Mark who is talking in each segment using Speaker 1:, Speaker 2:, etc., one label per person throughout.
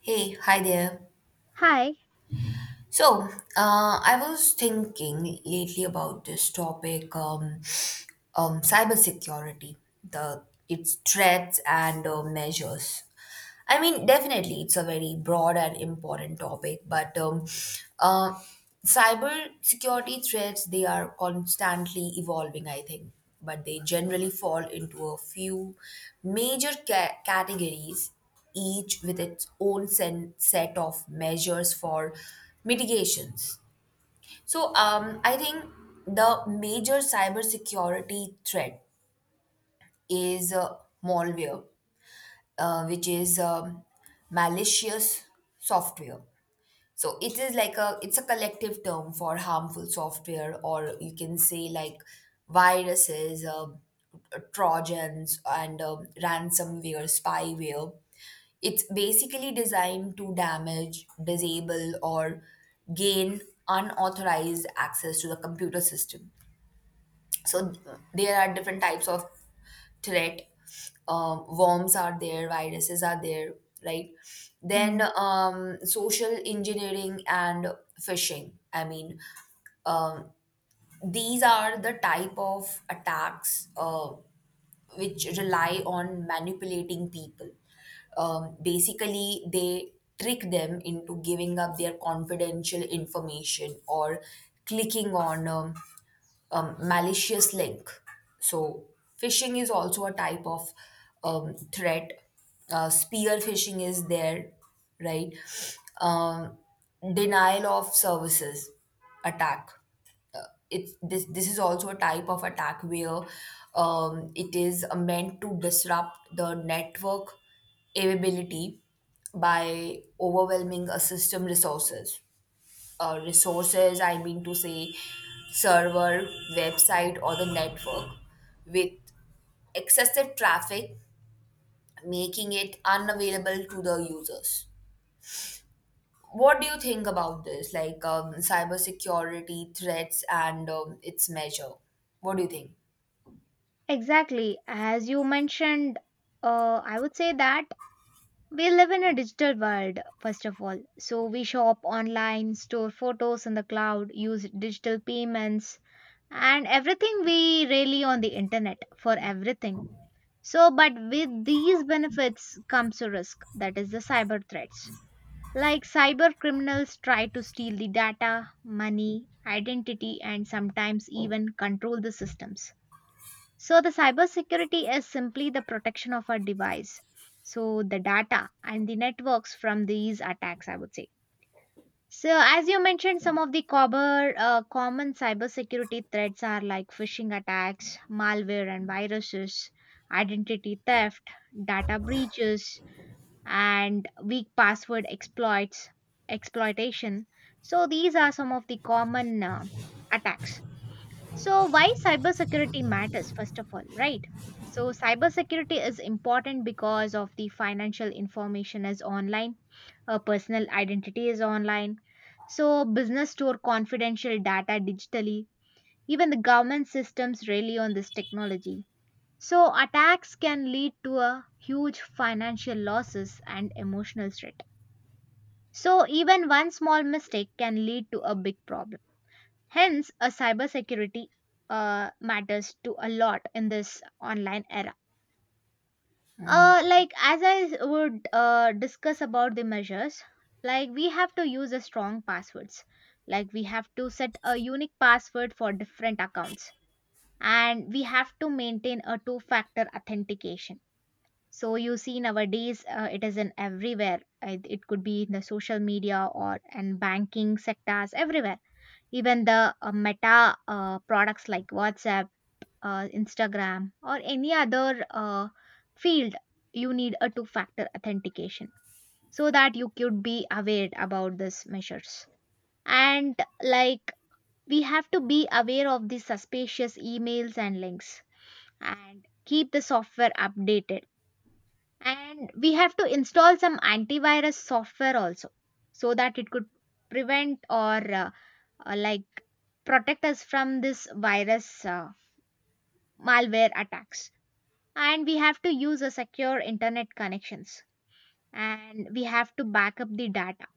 Speaker 1: Hey, hi there.
Speaker 2: Hi.
Speaker 1: So, I was thinking lately about this topic, cybersecurity, the its threats and measures. I mean, definitely, it's a very broad and important topic, but uh, cyber security threats they are constantly evolving, I think, but they generally fall into a few major categories, each with its own set of measures for mitigations. So, I think the major cybersecurity threat is malware, which is malicious software. So it is like a it's a collective term for harmful software, or you can say like viruses, trojans, and ransomware, spyware. It's basically designed to damage, disable, or gain unauthorized access to the computer system. So there are different types of threat. Worms are there, viruses are there, right?
Speaker 2: Hmm.
Speaker 1: Then social engineering and phishing, I mean, um, these are the type of attacks which rely on manipulating people. Basically, they trick them into giving up their confidential information or clicking on malicious link. So, phishing is also a type of threat. Spear phishing is there, right? Um, denial of services attack, uh, it's this is also a type of attack where it is meant to disrupt the network availability by overwhelming a system resources, resources I mean to say server, website, or the network with excessive traffic, making it unavailable to the users. What do you think about this, like cybersecurity threats and its measure? What do you think?
Speaker 2: Exactly, as you mentioned, I would say that we live in a digital world, first of all. So we shop online, store photos in the cloud, use digital payments, and everything we really on the internet for everything. So, but with these benefits comes a risk, that is the cyber threats. Like cyber criminals try to steal the data, money, identity, and sometimes even control the systems. So the cybersecurity is simply the protection of our device. So the data and the networks from these attacks, I would say. So as you mentioned, some of the common, common cybersecurity threats are like phishing attacks, malware and viruses, identity theft, data breaches, and weak password exploits, exploitation. So these are some of the common attacks. So, why cybersecurity matters, first of all, right? So, cybersecurity is important because of the financial information is online, personal identity is online. So, business store confidential data digitally. Even the government systems rely on this technology. So, attacks can lead to a huge financial losses and emotional threat. So, even one small mistake can lead to a big problem. Hence, a cybersecurity matters to a lot in this online era. Like as I would discuss about the measures, like we have to use a strong passwords. Like we have to set a unique password for different accounts, and we have to maintain a two-factor authentication. So you see nowadays it is in everywhere. It could be in the social media or in banking sectors everywhere, even the meta products like WhatsApp, Instagram, or any other field, you need a two factor authentication so that you could be aware about these measures. And like we have to be aware of the suspicious emails and links and keep the software updated. And we have to install some antivirus software also so that it could prevent or uh, like protect us from this virus malware attacks, and we have to use a secure internet connections, and we have to back up the data,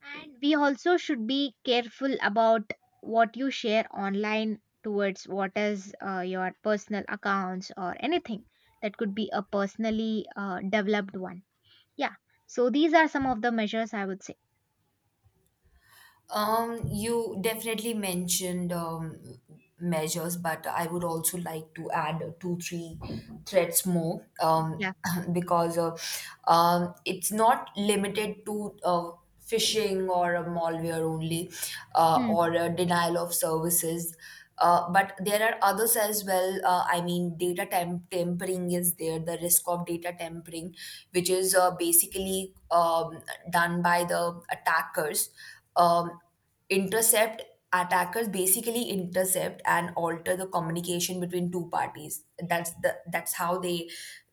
Speaker 2: and we also should be careful about what you share online, towards what is your personal accounts or anything that could be a personally developed one. Yeah, so these are some of the measures I would say.
Speaker 1: You definitely mentioned measures, but I would also like to add two, three threats more
Speaker 2: Yeah.
Speaker 1: because it's not limited to phishing or a malware only,
Speaker 2: Hmm.
Speaker 1: or a denial of services. But there are others as well. I mean, data tampering is there, the risk of data tampering, which is basically done by the attackers. Um, intercept Attackers basically intercept and alter the communication between two parties. That's how they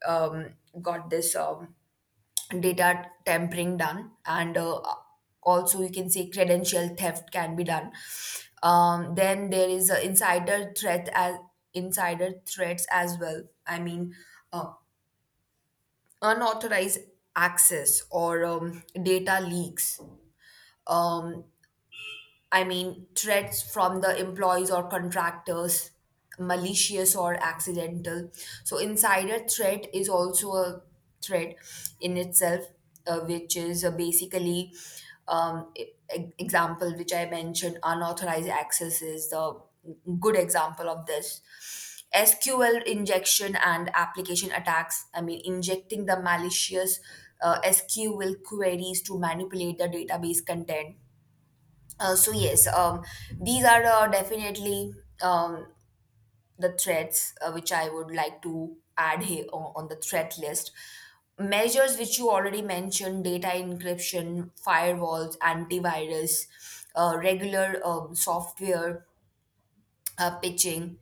Speaker 1: um, got this data tampering done. And also you can say credential theft can be done. Then there is a insider threat as insider threats as well, I mean, uh, unauthorized access or data leaks, um, I mean, threats from the employees or contractors, malicious or accidental. So, insider threat is also a threat in itself, which is basically example which I mentioned. Unauthorized access is the good example of this. SQL injection and application attacks. I mean, injecting the malicious SQL queries to manipulate the database content. So yes, these are definitely um, the threats which I would like to add here on the threat list. Measures which you already mentioned: data encryption, firewalls, antivirus, regular software pitching.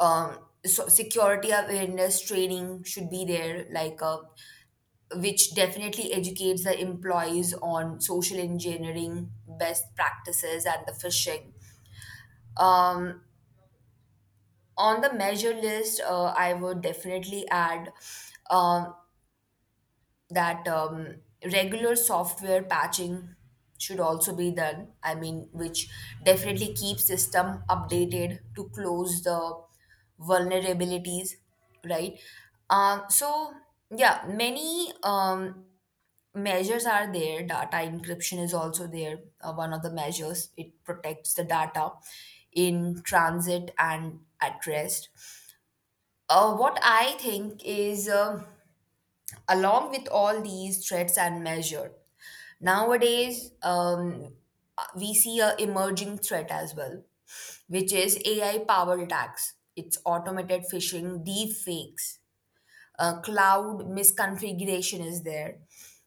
Speaker 1: So security awareness training should be there, which definitely educates the employees on social engineering, best practices, and the phishing. um, on the measure list, I would definitely add um, that regular software patching should also be done, I mean, which definitely keeps system updated to close the vulnerabilities, right? So yeah, many measures are there. Data encryption is also there. One of the measures, it protects the data in transit and at rest. What I think is, um, along with all these threats and measure, nowadays we see a emerging threat as well, which is AI powered attacks. It's automated phishing, deep fakes, cloud misconfiguration is there.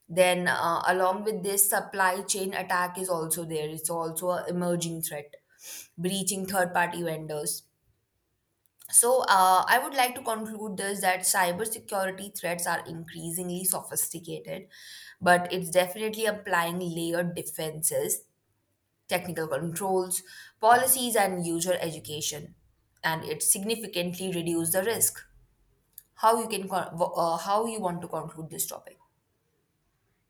Speaker 1: Then, along with this, supply chain attack is also there. It's also an emerging threat, breaching third party vendors. So, I would like to conclude this that cybersecurity threats are increasingly sophisticated, but it's definitely applying layered defenses, technical controls, policies, and user education, and it significantly reduces the risk. How you can how you want to conclude this topic?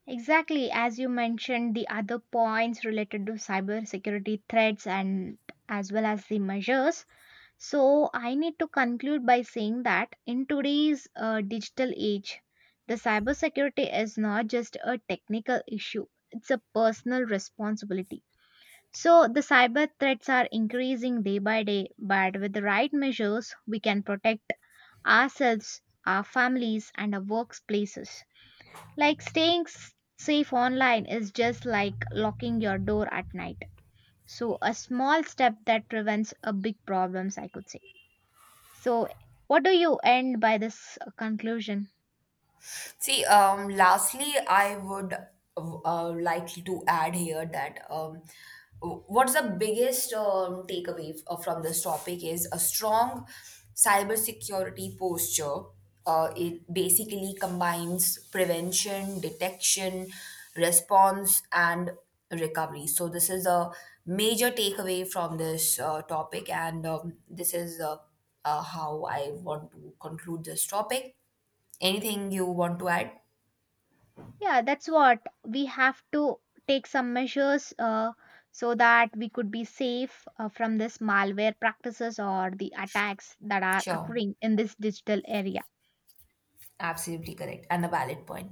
Speaker 2: Exactly, as you mentioned, the other points related to cybersecurity threats and as well as the measures. So, I need to conclude by saying that in today's digital age, the cybersecurity is not just a technical issue, it's a personal responsibility. So, the cyber threats are increasing day by day, but with the right measures, we can protect ourselves, our families, and our workplaces. Like staying safe online is just like locking your door at night. So, a small step that prevents a big problems, I could say. So, what do you end by this conclusion?
Speaker 1: See, lastly, I would like to add here that what's the biggest takeaway from this topic is a strong cybersecurity posture. It basically combines prevention, detection, response, and recovery. So, this is a major takeaway from this topic, and this is how I want to conclude this topic. Anything you want to add?
Speaker 2: Yeah, that's what, we have to take some measures so that we could be safe from this malware practices or the attacks that are
Speaker 1: Sure,
Speaker 2: occurring in this digital area.
Speaker 1: absolutely correct and a valid point.